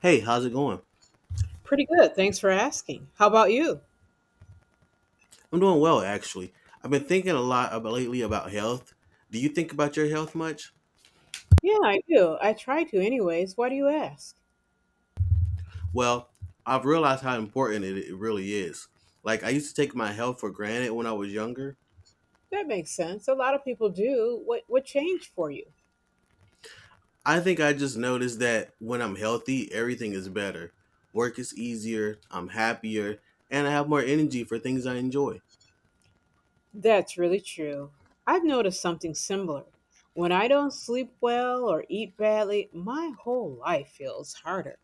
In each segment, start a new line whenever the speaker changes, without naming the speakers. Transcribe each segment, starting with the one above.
Hey, how's it going?
Pretty good. Thanks for asking. How about you?
I'm doing well, actually. I've been thinking a lot about lately about health. Do you think about your health much?
Yeah, I do. I try to anyways. Why do you ask?
Well, I've realized how important it really is. Like, I used to take my health for granted when I was younger.
That makes sense. A lot of people do. What changed for you?
I think I just noticed that when I'm healthy, everything is better. Work is easier, I'm happier, and I have more energy for things I enjoy.
That's really true. I've noticed something similar. When I don't sleep well or eat badly, my whole life feels harder.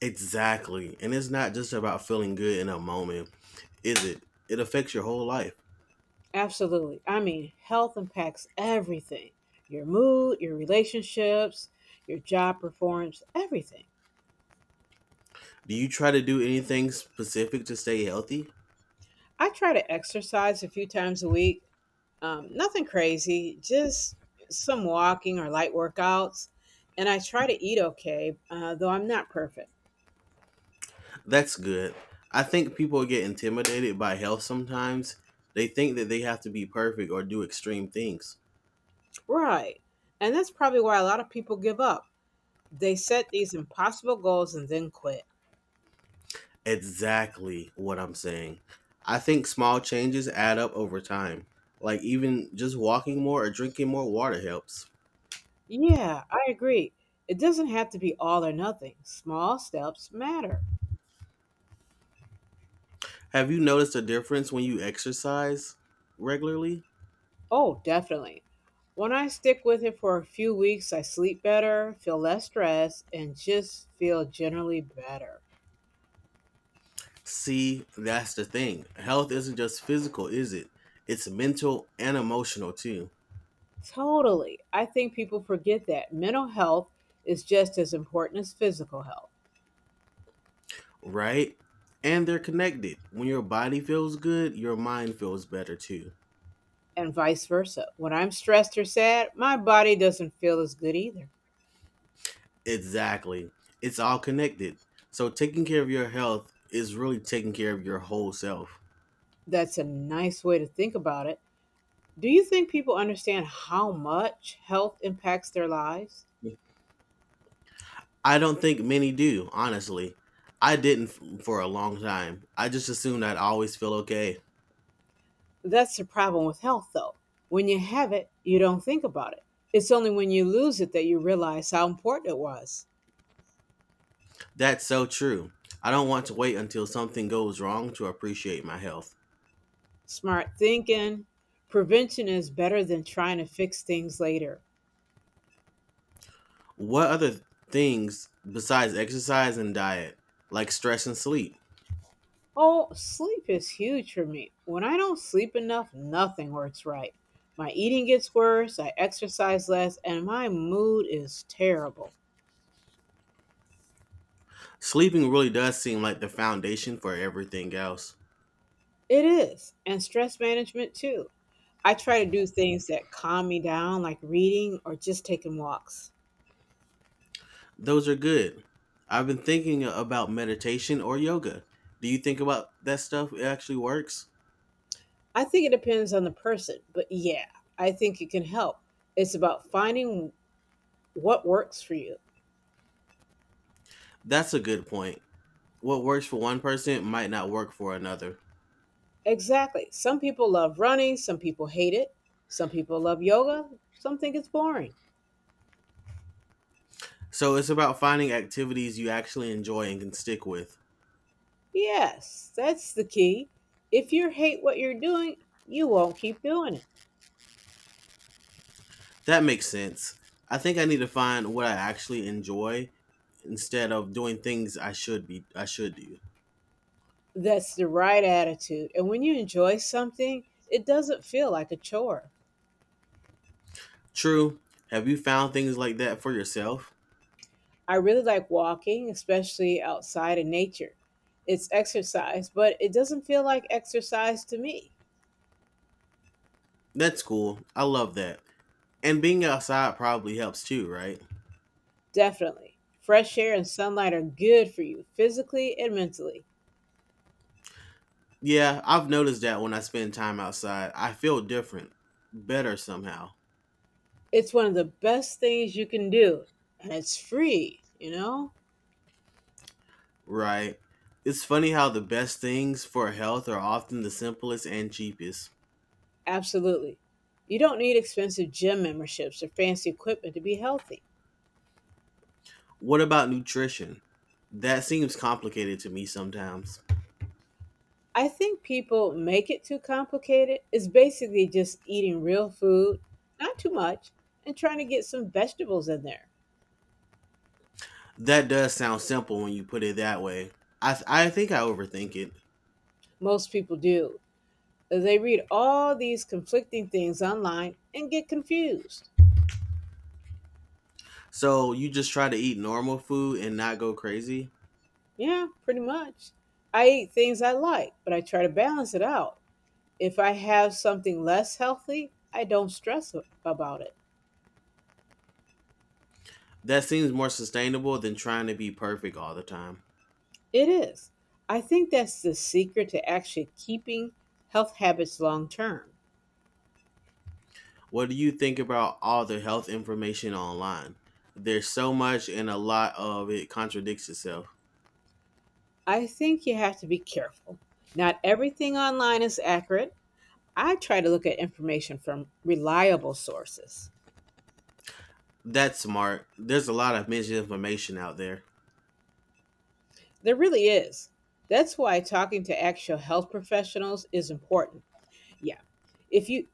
Exactly. And it's not just about feeling good in a moment, is it? It affects your whole life.
Absolutely. I mean, health impacts everything, your mood, your relationships, your job performance, everything.
Do you try to do anything specific to stay healthy?
I try to exercise a few times a week. Nothing crazy, just some walking or light workouts. And I try to eat okay, though I'm not perfect.
That's good. I think people get intimidated by health sometimes. They think that they have to be perfect or do extreme things.
Right. And that's probably why a lot of people give up. They set these impossible goals and then quit.
Exactly what I'm saying. I think small changes add up over time. Like even just walking more or drinking more water helps.
Yeah, I agree. It doesn't have to be all or nothing. Small steps matter.
Have you noticed a difference when you exercise regularly?
Oh, definitely. When I stick with it for a few weeks, I sleep better, feel less stressed, and just feel generally better.
See, that's the thing. Health isn't just physical, is it? It's mental and emotional too.
Totally. I think people forget that mental health is just as important as physical health,
Right? And they're connected. When your body feels good, your mind feels better too.
and vice versa. When I'm stressed or sad, my body doesn't feel as good either.
Exactly. It's all connected. So taking care of your health is really taking care of your whole self.
That's a nice way to think about it. Do you think people understand how much health impacts their lives?
I don't think many do, honestly. I didn't f- For a long time, I just assumed I'd always feel okay.
That's the problem with health, though. When you have it, you don't think about it. It's only when you lose it that you realize how important it was.
That's so true. I don't want to wait until something goes wrong to appreciate my health.
Smart thinking. Prevention is better than trying to fix things later.
What other things besides exercise and diet, like stress and sleep?
Oh, sleep is huge for me. When I don't sleep enough, nothing works right. My eating gets worse, I exercise less, and my mood is terrible.
Sleeping really does seem like the foundation for everything else.
It is, and stress management too. I try to do things that calm me down, like reading or just taking walks.
Those are good. I've been thinking about meditation or yoga. Do you think about that stuff it actually works?
I think it depends on the person, but yeah, I think it can help. It's about finding what works for you.
That's a good point. What works for one person might not work for another.
Exactly. Some people love running, some people hate it, some people love yoga, some think it's boring.
So it's about finding activities you actually enjoy and can stick with.
Yes, that's the key. If you hate what you're doing, you won't keep doing it.
That makes sense. I think I need to find what I actually enjoy instead of doing things I should do.
That's the right attitude. And when you enjoy something, it doesn't feel like a chore.
True. Have you found things like that for yourself?
I really like walking, especially outside in nature. It's exercise, but it doesn't feel like exercise to me.
That's cool. I love that. And being outside probably helps too, right?
Definitely. Fresh air and sunlight are good for you, physically and mentally.
Yeah, I've noticed that when I spend time outside, I feel different, better somehow,
It's one of the best things you can do, and it's free,
right? It's funny how the best things for health are often the simplest and cheapest.
Absolutely. You don't need expensive gym memberships or fancy equipment to be healthy.
What about nutrition? That seems complicated to me sometimes.
I think people make it too complicated. It's basically just eating real food, not too much, and trying to get some vegetables in there.
That does sound simple when you put it that way. I think I overthink it.
Most people do. They read all these conflicting things online and get confused.
So you just try to eat normal food and not go crazy?
Yeah, pretty much. I eat things I like, but I try to balance it out. If I have something less healthy, I don't stress about it.
That seems more sustainable than trying to be perfect all the time.
It is. I think that's the secret to actually keeping health habits long term.
What do you think about all the health information online? There's so much and a lot of it contradicts itself.
I think you have to be careful. Not everything online is accurate. I try to look at information from reliable sources.
That's smart. There's a lot of misinformation out there.
There really is. That's why talking to actual health professionals is important. Yeah. If you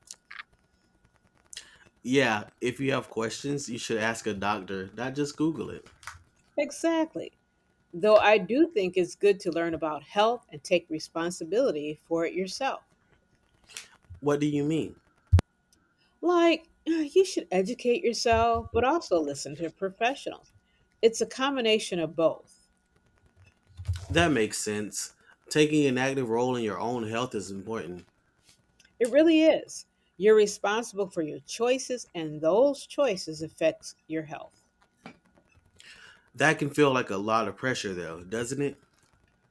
Yeah, if you have questions, you should ask a doctor, not just Google it.
exactly. Though I do think it's good to learn about health and take responsibility for it yourself.
What do you mean?
Like, you should educate yourself, but also listen to professionals. It's a combination of both.
That makes sense. Taking an active role in your own health is important.
It really is. You're responsible for your choices, and those choices affects your health.
That can feel like a lot of pressure, though, doesn't it?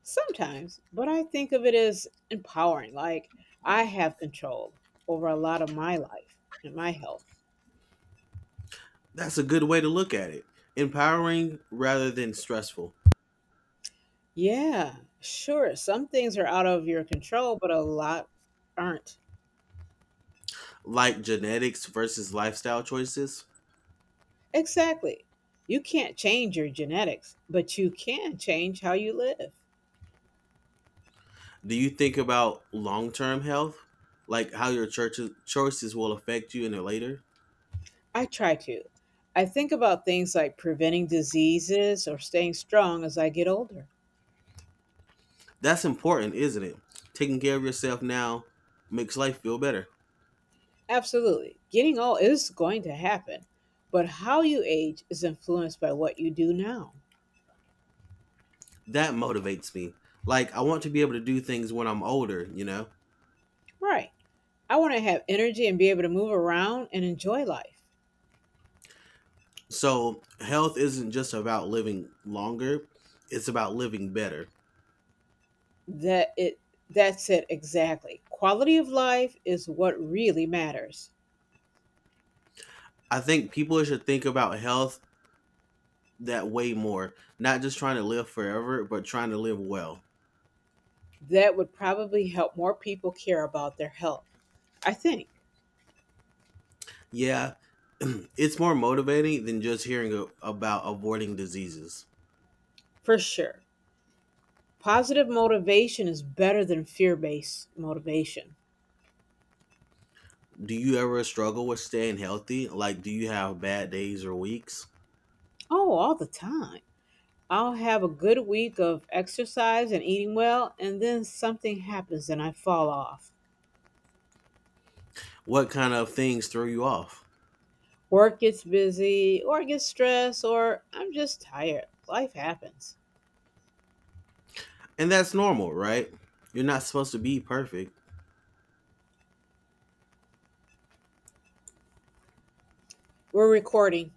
Sometimes, but I think of it as empowering. Like, I have control over a lot of my life and my health.
That's a good way to look at it. Empowering rather than stressful.
Yeah, sure. Some things are out of your control, but a lot aren't.
Like genetics versus lifestyle choices?
Exactly. You can't change your genetics, but you can change how you live.
Do you think about long term health, like how your church choices will affect you in the later?
I try to. I think about things like preventing diseases or staying strong as I get older.
That's important, isn't it? Taking care of yourself now makes life feel better.
Absolutely. Getting old is going to happen, but how you age is influenced by what you do now.
That motivates me. Like I want to be able to do things when I'm older, you know.
Right. I want to have energy and be able to move around and enjoy life.
So health isn't just about living longer; it's about living better.
That it that's it exactly. Quality of life is what really matters.
I think people should think about health that way more, not just trying to live forever, but trying to live well.
That would probably help more people care about their health. I think,
Yeah, it's more motivating than just about avoiding diseases.
for sure. Positive motivation is better than fear based motivation.
Do you ever struggle with staying healthy? Like, do you have bad days or weeks?
Oh, all the time. I'll have a good week of exercise and eating well, and then something happens and I fall off.
What kind of things throw you off?
Work gets busy, or I get stressed, or I'm just tired. Life happens.
And that's normal, right? You're not supposed to be perfect.
We're recording.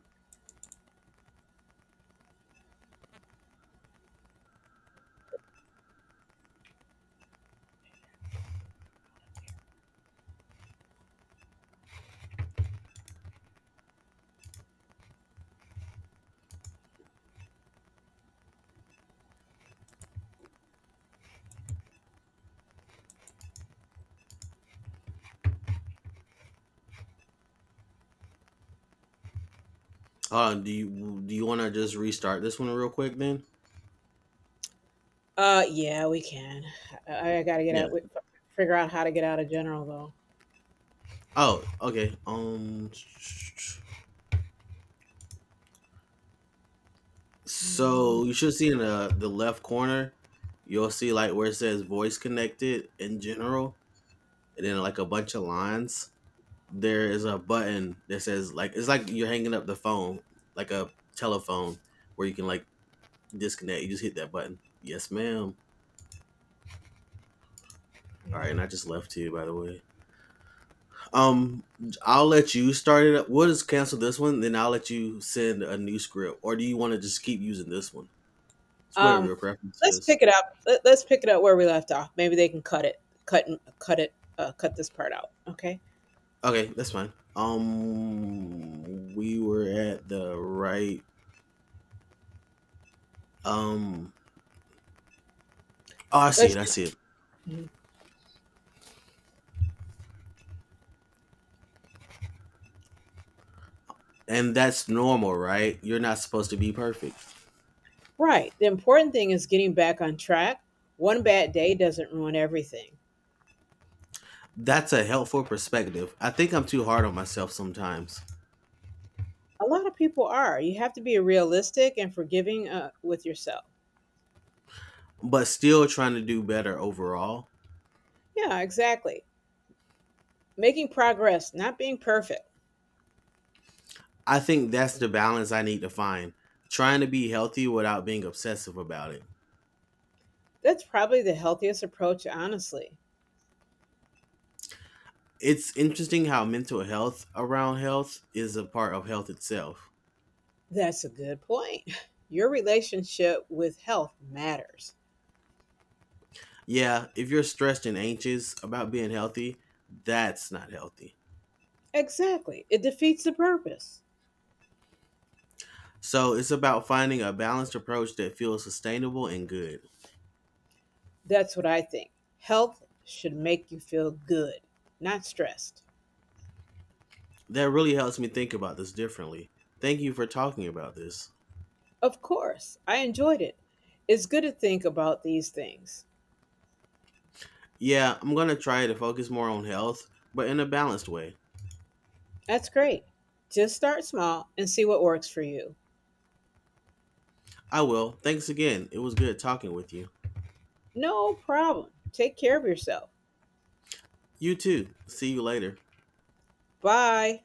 Do you want to just restart this one real quick then?
Yeah, we can. I gotta get
Yeah.
out. Figure out how to get out of general, though.
Oh, okay.
Mhm.
So you should see in the left corner, you'll see like where it says voice connected in general, and then like a bunch of lines there is a button that says like it's like you're hanging up the phone, like a telephone where you can like disconnect. You just hit that button. Yes, ma'am. All right, and I just left too, by the way. Um, I'll let you start it up. We'll just cancel this one, then I'll let you send a new script. Or do you want to just keep using this one? It's whatever
Um,
your preference
let's
is.
pick it up. Let's pick it up where we left off. Maybe they can cut it, cut and cut it, cut this part out. Okay.
Okay, that's fine. We were at the right. Um, oh, I see
Let's
it. I
do,
see it.
mhm,
And that's normal, right? You're not supposed to be perfect.
right. The important thing is getting back on track. One bad day doesn't ruin everything.
That's a helpful perspective. I think I'm too hard on myself sometimes,
A lot of people are. You have to be realistic and forgiving with yourself.
but still trying to do better overall.
Yeah, exactly. Making progress, not being perfect.
I think that's the balance I need to find, trying to be healthy without being obsessive about it.
That's probably the healthiest approach, honestly.
It's interesting how mental health around health is a part of health itself.
That's a good point. Your relationship with health matters.
Yeah, if you're stressed and anxious about being healthy, that's not healthy.
Exactly. It defeats the purpose.
So it's about finding a balanced approach that feels sustainable and good.
That's what I think. Health should make you feel good, not stressed.
That really helps me think about this differently. Thank you for talking about this.
Of course, I enjoyed it. It's good to think about these things.
Yeah, I'm gonna try to focus more on health, but in a balanced way.
That's great. Just start small and see what works for you.
I will. Thanks again. It was good talking with you.
No problem. Take care of yourself.
You too. See you later.
Bye.